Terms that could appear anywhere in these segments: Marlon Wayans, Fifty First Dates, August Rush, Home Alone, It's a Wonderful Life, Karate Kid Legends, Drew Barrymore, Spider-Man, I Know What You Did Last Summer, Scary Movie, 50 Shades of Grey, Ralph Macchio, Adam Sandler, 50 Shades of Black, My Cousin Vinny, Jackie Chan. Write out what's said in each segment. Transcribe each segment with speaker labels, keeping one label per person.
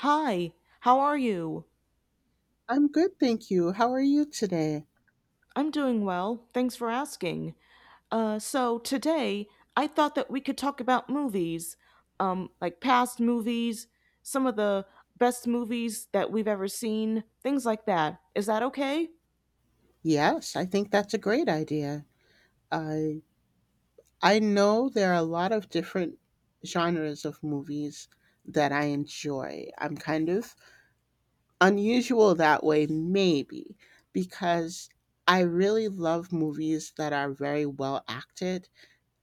Speaker 1: Hi, how are you?
Speaker 2: I'm good, thank you. How are you today?
Speaker 1: I'm doing well. Thanks for asking. So today I thought that we could talk about movies, like past movies, some of the best movies that we've ever seen, things like that. Is that okay?
Speaker 2: Yes, I think that's a great idea. I I know there are a lot of different genres of movies that I enjoy. I'm kind of unusual that way maybe because I really love movies that are very well acted,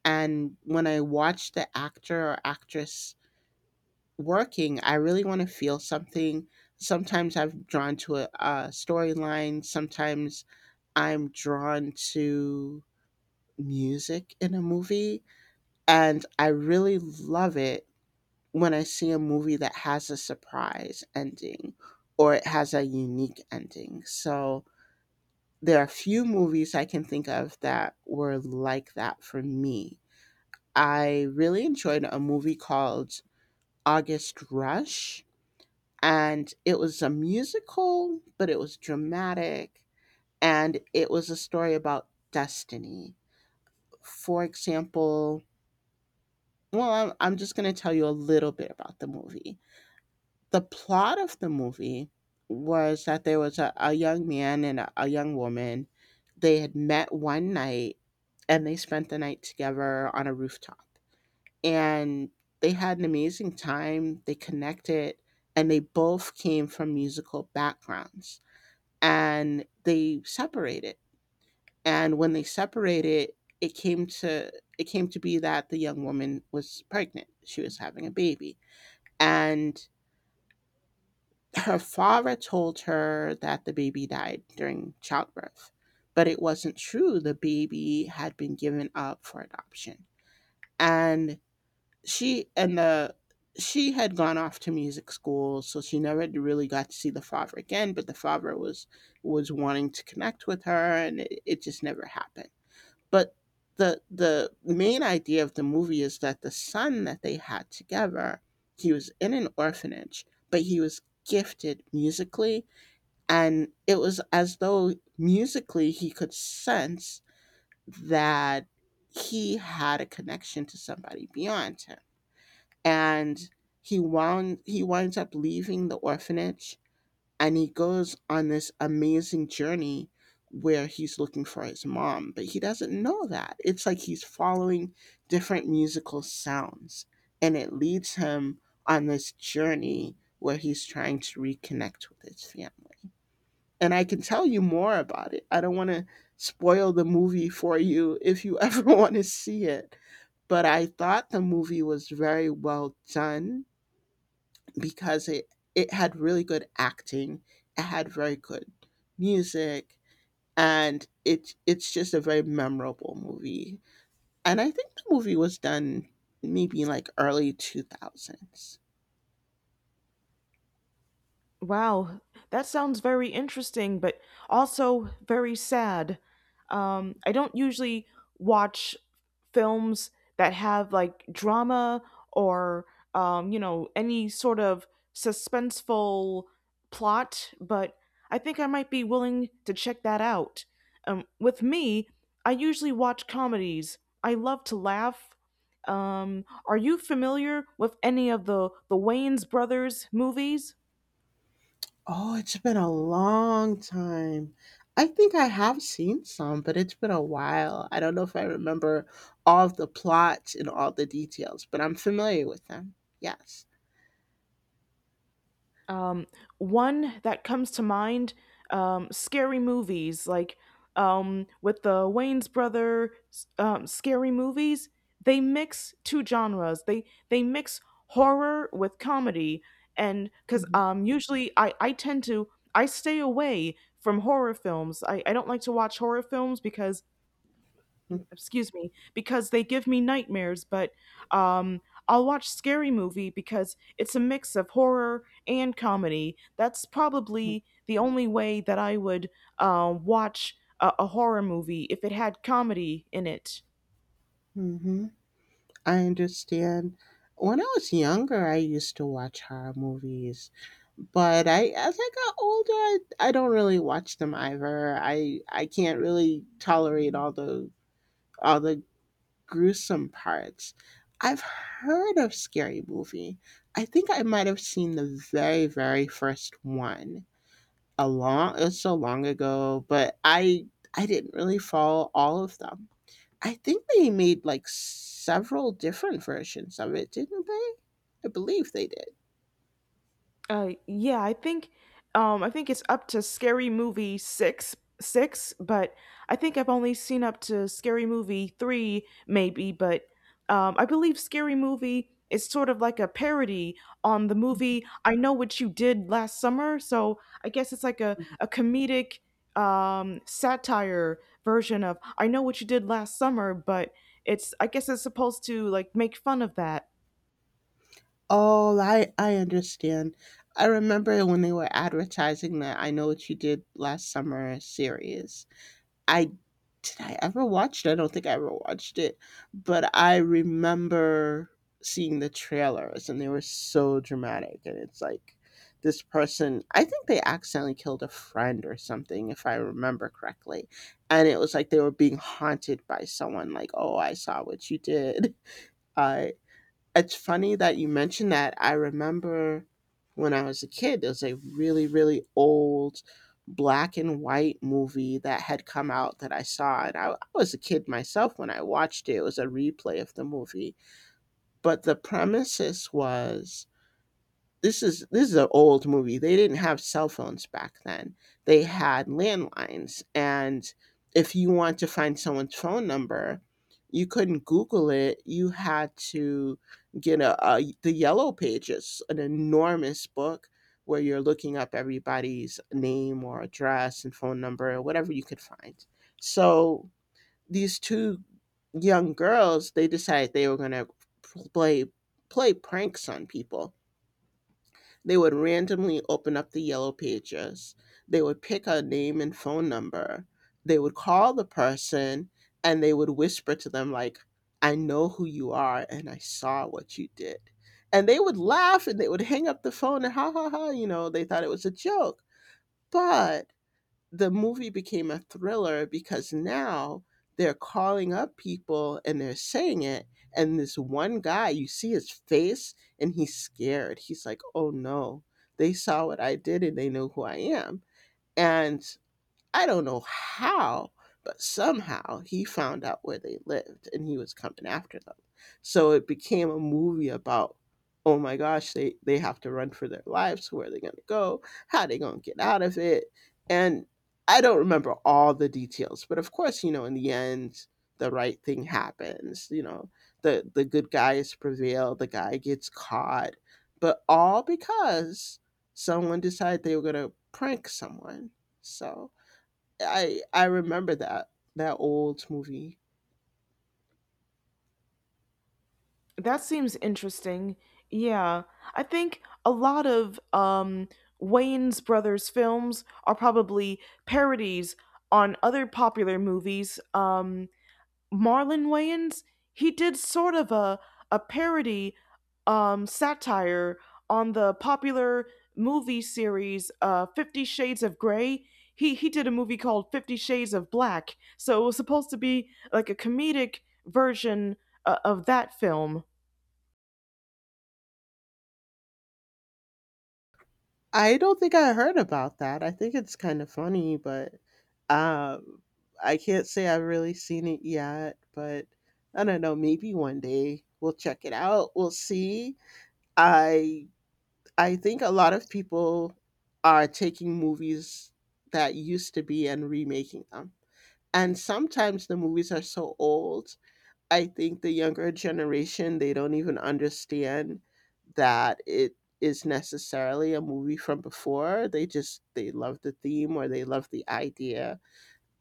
Speaker 2: and when I watch the actor or actress working, I really want to feel something. Sometimes I'm drawn to a storyline. Sometimes I'm drawn to music in a movie. And I really love it when I see a movie that has a surprise ending or it has a unique ending. So there are few movies I can think of that were like that for me. I really enjoyed a movie called August Rush, and it was a musical, but it was dramatic, and it was a story about destiny. For example, well, I'm just going to tell you a little bit about the movie. The plot of the movie was that there was a young man and a young woman. They had met one night and they spent the night together on a rooftop. And they had an amazing time. They connected and they both came from musical backgrounds, and they separated. And when they separated, it came to it came to be that the young woman was pregnant. She was having a baby, and her father told her that the baby died during childbirth, but it wasn't true. The baby had been given up for adoption, and she and the she had gone off to music school, so she never really got to see the father again, but the father was wanting to connect with her, and it just never happened. But the main idea of the movie is that the son that they had together, he was in an orphanage, but he was gifted musically, and it was as though musically he could sense that he had a connection to somebody beyond him. And he winds up leaving the orphanage and he goes on this amazing journey where he's looking for his mom, but he doesn't know that. It's like he's following different musical sounds, and it leads him on this journey where he's trying to reconnect with his family. And I can tell you more about it. I don't want to spoil the movie for you if you ever want to see it, but I thought the movie was very well done because it had really good acting, it had very good music, and it's just a very memorable movie. And I think the movie was done maybe in like early two thousands.
Speaker 1: Wow, that sounds very interesting, but also very sad. I don't usually watch films that have like drama or any sort of suspenseful plot, but I think I might be willing to check that out. With me, I usually watch comedies. I love to laugh. Are you familiar with any of the Wayans brothers movies?
Speaker 2: Oh, it's been a long time. I think I have seen some, but it's been a while. I don't know if I remember all of the plots and all the details, but I'm familiar with them. Yes.
Speaker 1: Um, One that comes to mind, scary movies like with the Wayne's brother scary movies. They mix two genres. They mix horror with comedy, and because
Speaker 2: hmm
Speaker 1: usually I tend to I stay away from horror films. I don't like to watch horror films because excuse me, because they give me nightmares, but um I'll watch scary movie because it's a mix of horror and comedy. That's probably the only way that I would watch a horror movie if it had comedy in it.
Speaker 2: hmm I understand. When I was younger, I used to watch horror movies, but I as I got older, I don't really watch them either. I can't really tolerate all the all the gruesome parts. I've heard of Scary Movie. I think I might have seen the very very first one. A long It was so long ago, but I didn't really follow all of them. I think they made like several different versions of it, didn't they? I believe they did.
Speaker 1: Yeah, I think it's up to Scary Movie six, six, but I think I've only seen up to Scary Movie three, maybe. But I believe Scary Movie is sort of like a parody on the movie I Know What You Did Last Summer. So I guess it's like
Speaker 2: Mhm.
Speaker 1: a comedic satire version of I Know What You Did Last Summer, but it's I guess it's supposed to like make fun of that.
Speaker 2: Oh, I understand. I remember when they were advertising that I Know What You Did Last Summer series. I Did I ever watch it? I don't think I ever watched it, but I remember seeing the trailers, and they were so dramatic. And it's like this person, I think they accidentally killed a friend or something if I remember correctly. And it was like they were being haunted by someone like, "Oh, I saw what you did." I It's funny that you mentioned that. I remember when I was a kid, there was a really, really old black and white movie that had come out that I saw. And I was a kid myself when I watched it. It was a replay of the movie. But the premises was, this is an old movie. They didn't have cell phones back then. They had landlines, and if you want to find someone's phone number, you couldn't Google it. You had to get a the Yellow Pages, an enormous book where you're looking up everybody's name or address and phone number or whatever you could find. So these two young girls, they decided they were going to play play pranks on people. They would randomly open up the Yellow Pages. They would pick a name and phone number. They would call the person and they would whisper to them, like, "I know who you are and I saw what you did." And they would laugh and they would hang up the phone and ha ha ha, you know, they thought it was a joke. But the movie became a thriller because now they're calling up people and they're saying it, and this one guy, you see his face and he's scared. He's like, "Oh no, they saw what I did and they know who I am." And I don't know how, but somehow he found out where they lived and he was coming after them. So it became a movie about, oh my gosh, they have to run for their lives. Where are they going to go? How are they going to get out of it? And I don't remember all the details, but of course, you know, in the end, the right thing happens. You know, the good guys prevail, the guy gets caught, but all because someone decided they were going to prank someone. So I remember that old movie.
Speaker 1: That seems interesting. Yeah. I think a lot of Wayne's brothers films are probably parodies on other popular movies. Marlon Wayans, he did sort of a parody satire on the popular movie series 50 Shades of Grey. He did a movie called 50 Shades of Black. So it was supposed to be like a comedic version of that film.
Speaker 2: I don't think I heard about that. I think it's kind of funny, but um, I can't say I've really seen it yet. But I don't know. Maybe one day we'll check it out. We'll see. I I think a lot of people are taking movies that used to be and remaking them. And sometimes the movies are so old, I think the younger generation, they don't even understand that it is necessarily a movie from before. They love the theme or they love the idea.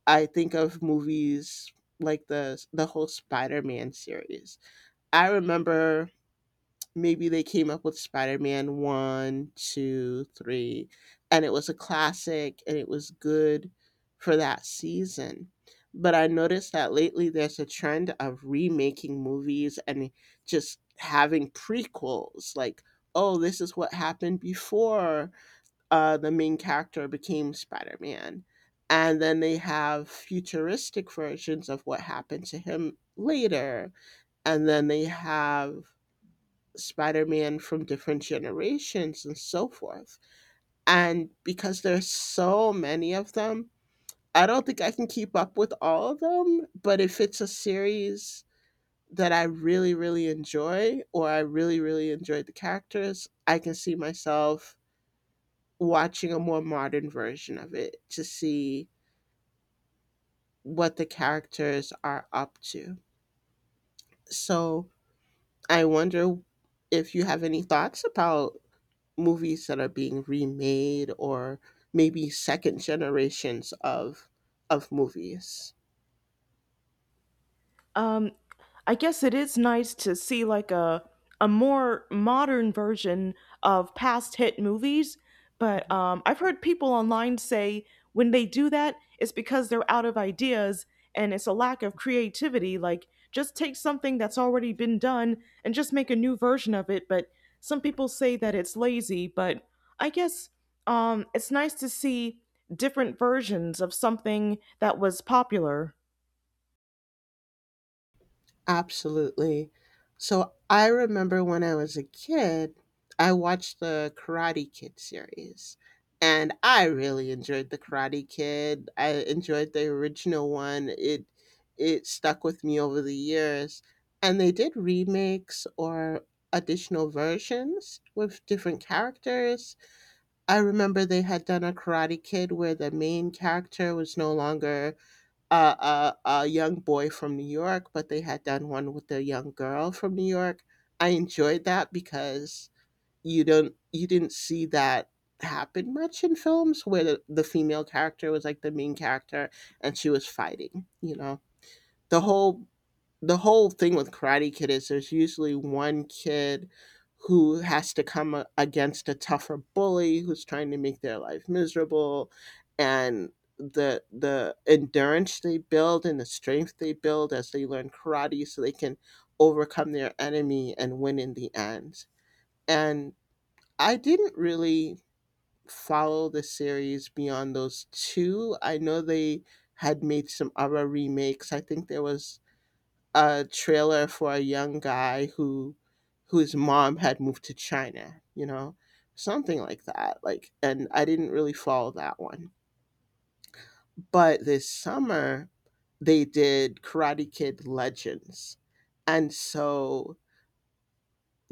Speaker 2: I think of movies like the whole Spider-Man series. I remember maybe they came up with Spider-Man one, two, three, and it was a classic and it was good for that season. But I noticed that lately there's a trend of remaking movies and just having prequels like, oh, this is what happened before the main character became Spider-Man. And then they have futuristic versions of what happened to him later. And then they have Spider-Man from different generations and so forth. And because there's so many of them, I don't think I can keep up with all of them, but if it's a series that I really really enjoy or I really really enjoy the characters, I can see myself watching a more modern version of it to see what the characters are up to. So, I wonder if you have any thoughts about movies that are being remade or maybe second generations of movies.
Speaker 1: Um, I guess it is nice to see like a more modern version of past hit movies, but I've heard people online say when they do that, it's because they're out of ideas and it's a lack of creativity. Like, just take something that's already been done and just make a new version of it. But some people say that it's lazy, but I guess it's nice to see different versions of something that was popular.
Speaker 2: Absolutely. So I remember when I was a kid, I watched the Karate Kid series. And I really enjoyed the Karate Kid. I enjoyed the original one. It stuck with me over the years. And they did remakes or additional versions with different characters. I remember they had done a Karate Kid where the main character was no longer a young boy from New York, but they had done one with a young girl from New York. I enjoyed that because you didn't see that happen much in films where the female character was like the main character and she was fighting. You know, the whole the whole thing with Karate Kid is there's usually one kid who has to come against a tougher bully who's trying to make their life miserable, and the endurance they build and the strength they build as they learn karate so they can overcome their enemy and win in the end. And I didn't really follow the series beyond those two. I know they had made some other remakes. I think there was a trailer for a young guy who whose mom had moved to China, you know, something like that. Like, and I didn't really follow that one. But this summer, they did Karate Kid Legends, and so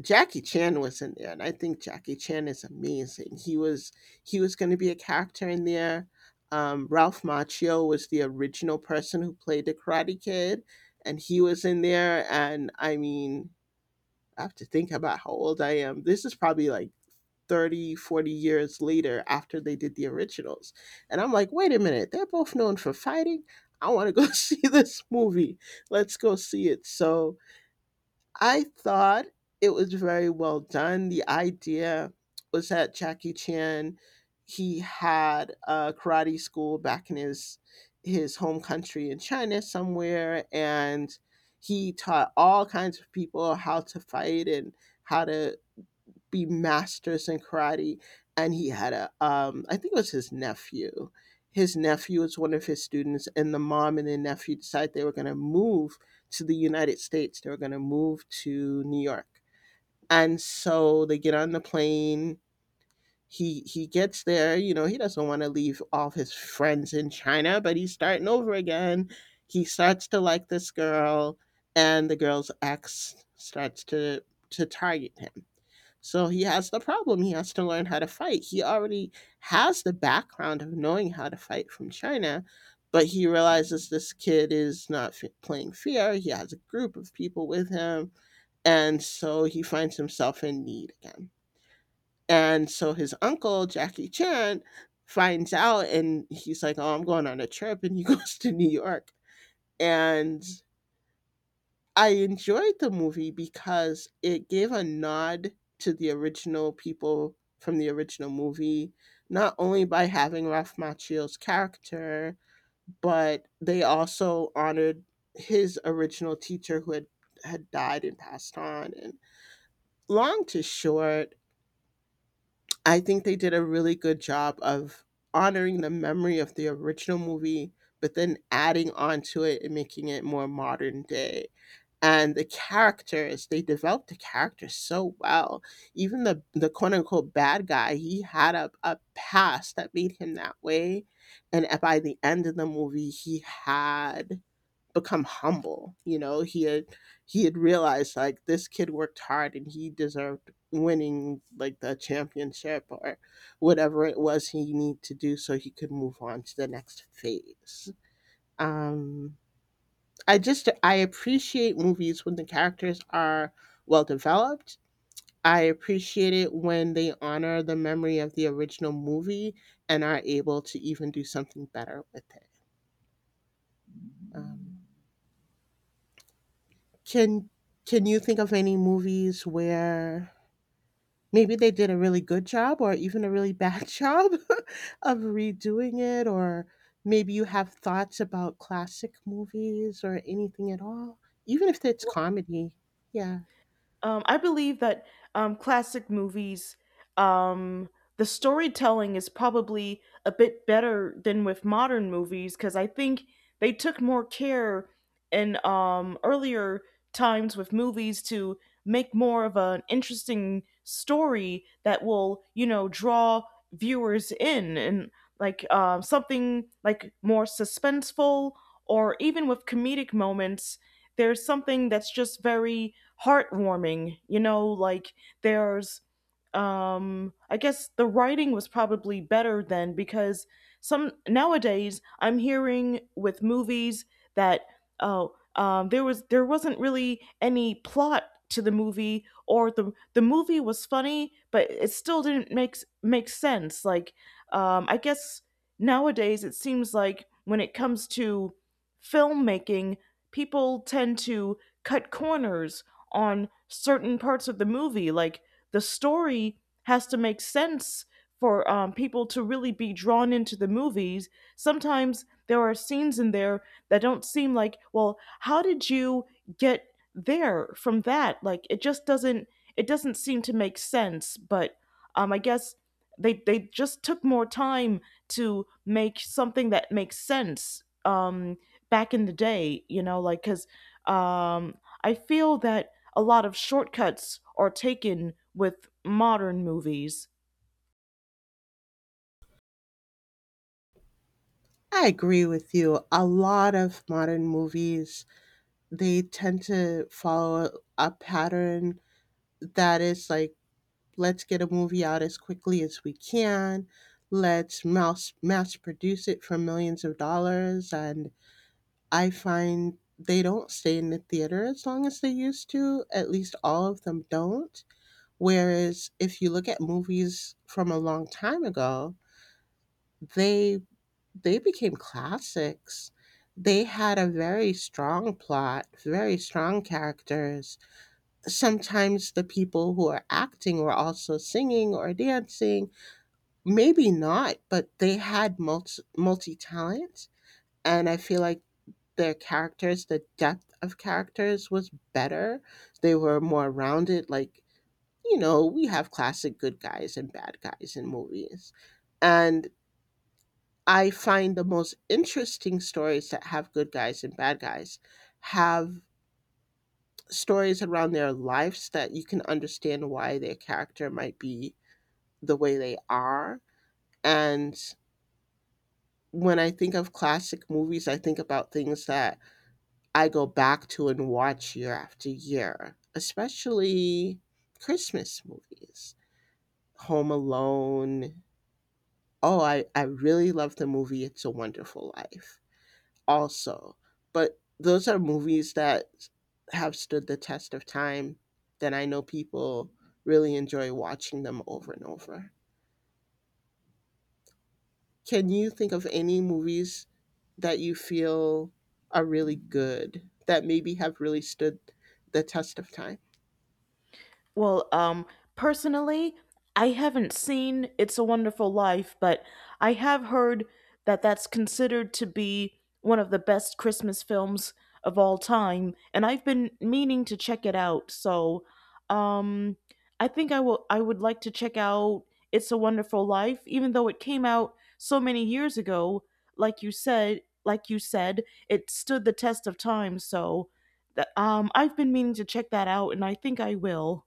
Speaker 2: Jackie Chan was in there, and I think Jackie Chan is amazing. He was going to be a character in there. Ralph Macchio was the original person who played the Karate Kid, and he was in there. And I mean, I have to think about how old I am. This is probably like 30, 40 years later after they did the originals. And I'm like, wait a minute, they're both known for fighting. I want to go see this movie. Let's go see it. So I thought it was very well done. The idea was that Jackie Chan, he had a karate school back in his home country in China somewhere, and he taught all kinds of people how to fight and how to be masters in karate, and he had a I think it was his nephew. His nephew was one of his students, and the mom and the nephew decided they were going to move to the United States. They were going to move to New York, and so they get on the plane. He gets there. You know, he doesn't want to leave all his friends in China, but he's starting over again. He starts to like this girl, and the girl's ex starts to target him. So he has the problem. He has to learn how to fight. He already has the background of knowing how to fight from China, but he realizes this kid is not playing fair. He has a group of people with him, and so he finds himself in need again. And so his uncle, Jackie Chan, finds out, and he's like, "Oh, I'm going on a trip." And he goes to New York. And I enjoyed the movie because it gave a nod to the original people from the original movie, not only by having Ralph Macchio's character, but they also honored his original teacher who had died and passed on. And long to short, I think they did a really good job of honoring the memory of the original movie, but then adding on to it and making it more modern day. And the characters, they developed the characters so well. Even the quote unquote bad guy, he had a past that made him that way. And by the end of the movie, he had become humble. You know, he had realized, like, this kid worked hard, and he deserved winning, like, the championship or whatever it was he needed to do so he could move on to the next phase. Um I appreciate movies when the characters are well developed. I appreciate it when they honor the memory of the original movie and are able to even do something better with it. Um, Can can you think of any movies where maybe they did a really good job or even a really bad job of redoing it, or maybe you have thoughts about classic movies or anything at all, even if it's comedy? Yeah.
Speaker 1: I believe that classic movies, um, the storytelling is probably a bit better than with modern movies because I think they took more care in earlier times with movies to make more of an interesting story that will, you know, draw viewers in and like something like more suspenseful or even with comedic moments. There's something that's just very heartwarming. You know, like there's I guess the writing was probably better then because some nowadays I'm hearing with movies that oh there was there wasn't really any plot to the movie or the movie was funny but it still didn't make sense like I guess nowadays it seems like when it comes to filmmaking people tend to cut corners on certain parts of the movie. Like the story has to make sense for people to really be drawn into the movies. Sometimes there are scenes in there that don't seem like, well, how did you get there from that? Like it doesn't seem to make sense. But I guess they just took more time to make something that makes sense back in the day. You know, like because um, I feel that a lot of shortcuts are taken with modern movies.
Speaker 2: I agree with you. A lot of modern movies, they tend to follow a pattern that is like, let's get a movie out as quickly as we can. Let's mass produce it for millions of dollars. And I find they don't stay in the theater as long as they used to. At least all of them don't. Whereas if you look at movies from a long time ago, they they became classics. They had a very strong plot, very strong characters. Sometimes the people who are acting were also singing or dancing. Maybe not, but they had multi talent, and I feel like their characters, the depth of characters was better. They were more rounded. Like, you know, we have classic good guys and bad guys in movies, and I find the most interesting stories that have good guys and bad guys have stories around their lives that you can understand why their character might be the way they are. And when I think of classic movies, I think about things that I go back to and watch year after year, especially Christmas movies. Home Alone. Oh, I really love the movie It's a Wonderful Life also. But those are movies that have stood the test of time, that I know people really enjoy watching them over and over. Can you think of any movies that you feel are really good that maybe have really stood the test of time?
Speaker 1: Well, personally, I haven't seen It's a Wonderful Life, but I have heard that that's considered to be one of the best Christmas films of all time, and I've been meaning to check it out. So, um, I think I will I would like to check out It's a Wonderful Life even though it came out so many years ago, like you said, it stood the test of time, so that I've been meaning to check that out and I think I will.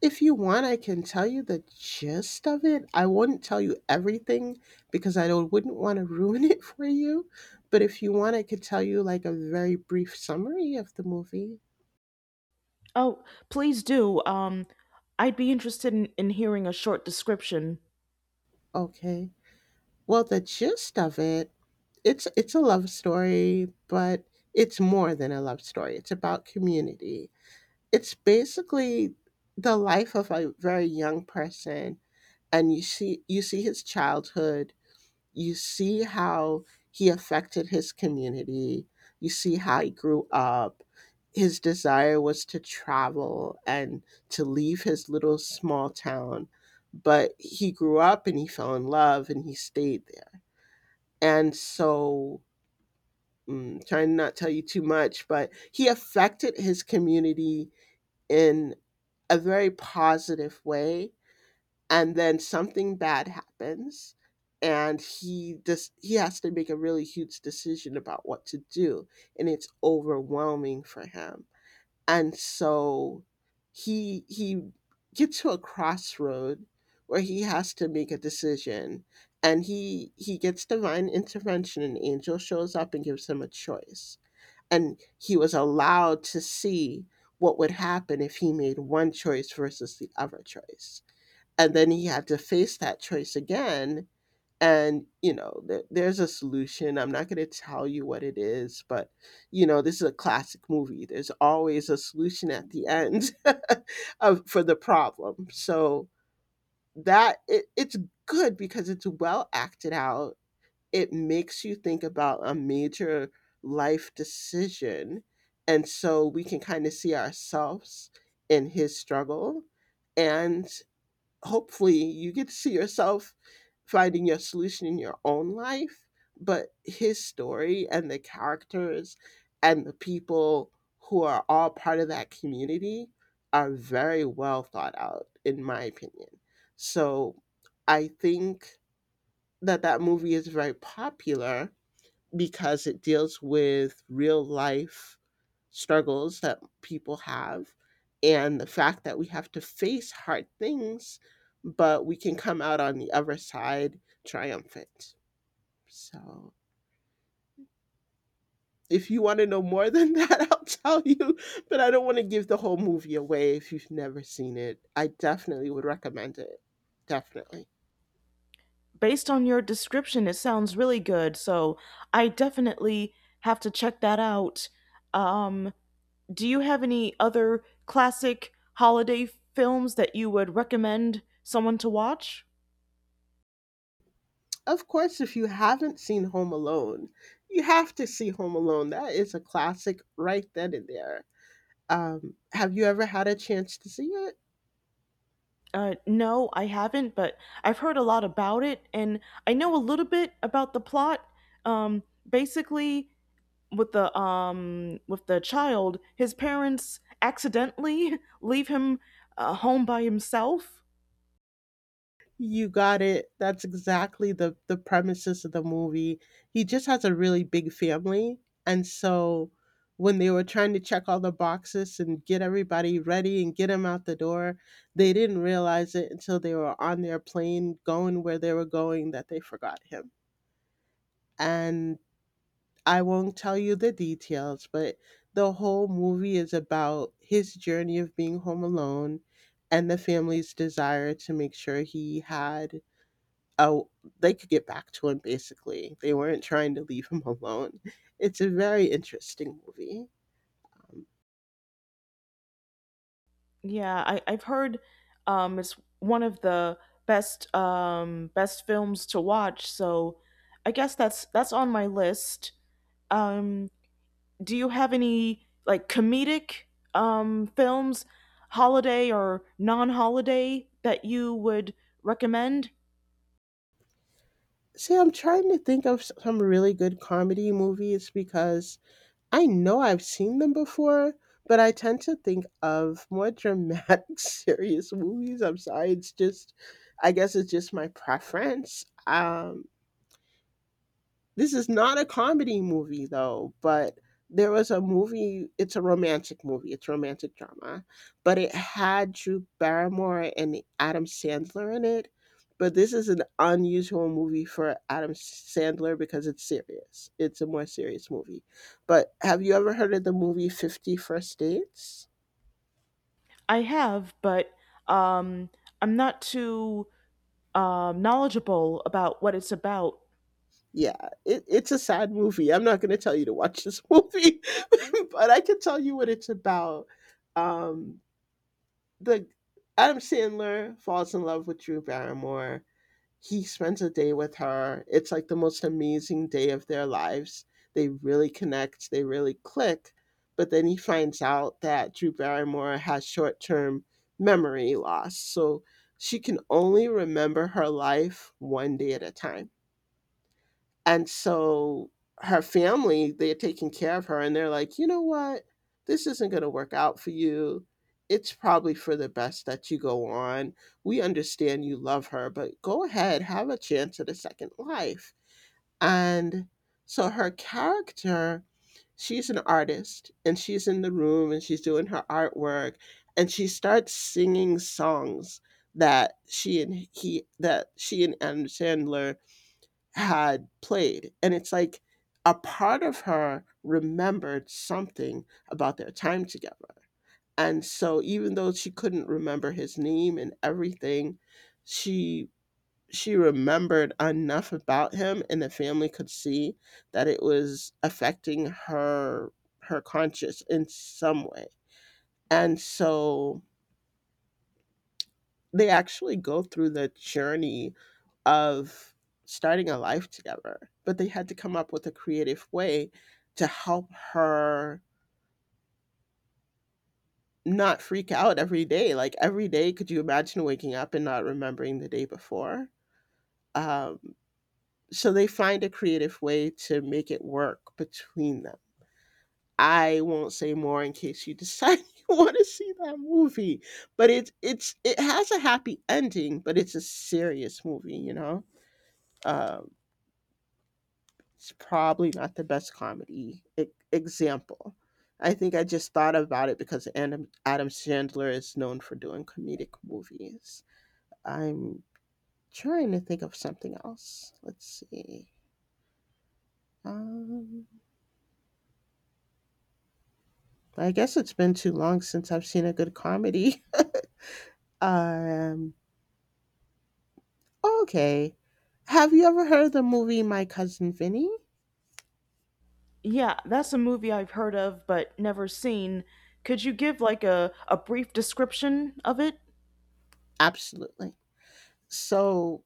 Speaker 2: If you want, I can tell you the gist of it. I won't tell you everything because I don't wouldn't want to ruin it for you. But if you want, I could tell you, like, a very brief summary of the movie.
Speaker 1: Oh, please do. I'd be interested in hearing a short description.
Speaker 2: Okay. Well, the gist of it, it's a love story, but it's more than a love story. It's about community. It's basically the life of a very young person, and you see his childhood. You see how he affected his community. You see how he grew up. His desire was to travel and to leave his little small town, but he grew up and he fell in love and he stayed there. And so, trying to not tell you too much, but he affected his community in a very positive way. And then something bad happens, and he has to make a really huge decision about what to do, and it's overwhelming for him. And so he gets to a crossroad where he has to make a decision, and he gets divine intervention. An angel shows up and gives him a choice, and he was allowed to see what would happen if he made one choice versus the other choice. And then he had to face that choice again. And, you know, there's a solution. I'm not going to tell you what it is, but, you know, this is a classic movie. There's always a solution at the end of, for the problem. So that it's good because it's well acted out. It makes you think about a major life decision, and so we can kind of see ourselves in his struggle, and hopefully you get to see yourself finding your solution in your own life. But his story and the characters and the people who are all part of that community are very well thought out, in my opinion. So I think that that movie is very popular because it deals with real life struggles that people have and the fact that we have to face hard things, but we can come out on the other side triumphant. So if you want to know more than that, I'll tell you, but I don't want to give the whole movie away. If you've never seen it, I definitely would recommend it. Definitely.
Speaker 1: Based on your description, it sounds really good, so I definitely have to check that out. Um, do you have any other classic holiday films that you would recommend someone to watch?
Speaker 2: Of course, if you haven't seen Home Alone, you have to see Home Alone. That is a classic right then and there. Have you ever had a chance to see it?
Speaker 1: No, I haven't, but I've heard a lot about it, and I know a little bit about the plot. Um, Basically, with the child, his parents accidentally leave him home by himself.
Speaker 2: You got it. That's exactly the premises of the movie. He just has a really big family, and so when they were trying to check all the boxes and get everybody ready and get them out the door, they didn't realize it until they were on their plane going where they were going that they forgot him. And I won't tell you the details, but the whole movie is about his journey of being home alone and the family's desire to make sure he had a they could get back to him, basically. They weren't trying to leave him alone. It's a very interesting movie. Um,
Speaker 1: Yeah, I've heard it's one of the best films to watch. So I guess that's on my list. Um, do you have any like comedic films, holiday or non-holiday that you would recommend?
Speaker 2: See, I'm trying to think of some really good comedy movies because I know I've seen them before, but I tend to think of more dramatic, serious movies. I'm sorry, it's just, I guess it's just my preference. This is not a comedy movie though, but there was a movie, it's a romantic movie, it's romantic drama, but it had Drew Barrymore and Adam Sandler in it. But this is an unusual movie for Adam Sandler because it's serious. It's a more serious movie. But have you ever heard of the movie 50 First Dates?
Speaker 1: I have, but um I'm not too knowledgeable about what it's about.
Speaker 2: Yeah, it's a sad movie. I'm not going to tell you to watch this movie, but I can tell you what it's about. Um, the Adam Sandler falls in love with Drew Barrymore. He spends a day with her. It's like the most amazing day of their lives. They really connect, they really click. But then he finds out that Drew Barrymore has short term memory loss. So she can only remember her life one day at a time. And so her family, they're taking care of her, and they're like, "You know what? This isn't going to work out for you. It's probably for the best that you go on. We understand you love her, but go ahead, have a chance at a second life." And so her character, she's an artist, and she's in the room and she's doing her artwork, and she starts singing songs that she and Adam Sandler had played. And it's like a part of her remembered something about their time together. And so even though she couldn't remember his name and everything, she she remembered enough about him, and the family could see that it was affecting her, her conscience, in some way. And so they actually go through the journey of starting a life together, but they had to come up with a creative way to help her not freak out every day. Like, every day, could you imagine waking up and not remembering the day before? Um, so they find a creative way to make it work between them. I won't say more in case you decide you want to see that movie, but it's it has a happy ending, but it's a serious movie, you know. Um, It's probably not the best comedy example. I think I just thought about it because Adam Sandler is known for doing comedic movies. I'm trying to think of something else. Let's see. Um, I guess it's been too long since I've seen a good comedy. Um, okay. Have you ever heard the movie My Cousin Vinny?
Speaker 1: Yeah, that's a movie I've heard of but never seen. Could you give like a brief description of it?
Speaker 2: Absolutely. So,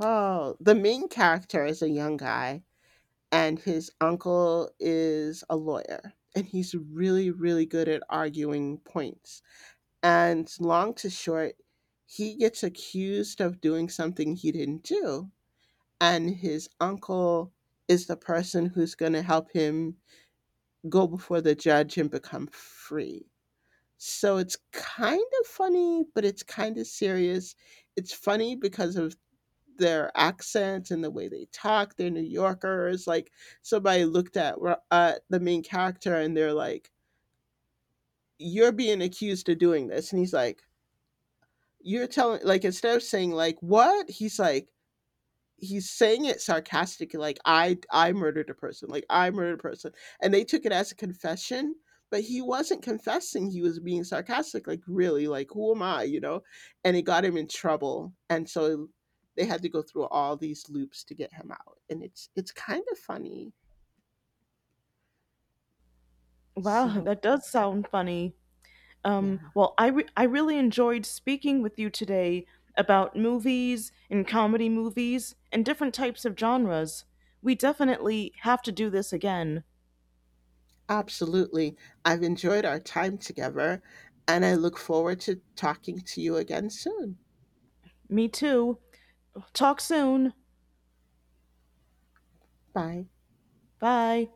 Speaker 2: oh, the main character is a young guy, and his uncle is a lawyer, and he's really good at arguing points, and long to short, he gets accused of doing something he didn't do, and his uncle is the person who's going to help him go before the judge and become free. So it's kind of funny, but it's kind of serious. It's funny because of their accents and the way they talk. They're New Yorkers. Like, somebody looked at the main character, and they're like, "You're being accused of doing this." And he's like, "You're telling, like, instead of saying, like, what?" He's like, he's saying it sarcastically, like, I murdered a person, like, I murdered a person. And they took it as a confession, but he wasn't confessing, he was being sarcastic, like, really, like, who am I, you know? And it got him in trouble, and so they had to go through all these loops to get him out, and it's kind of funny.
Speaker 1: Wow,
Speaker 2: So,
Speaker 1: that does sound funny. Um,
Speaker 2: yeah,
Speaker 1: well, I really enjoyed speaking with you today about movies and comedy movies and different types of genres. We definitely have to do this again.
Speaker 2: absolutely, I've enjoyed our time together, and I look forward to talking to you again soon.
Speaker 1: Me too. Talk soon.
Speaker 2: Bye.
Speaker 1: Bye.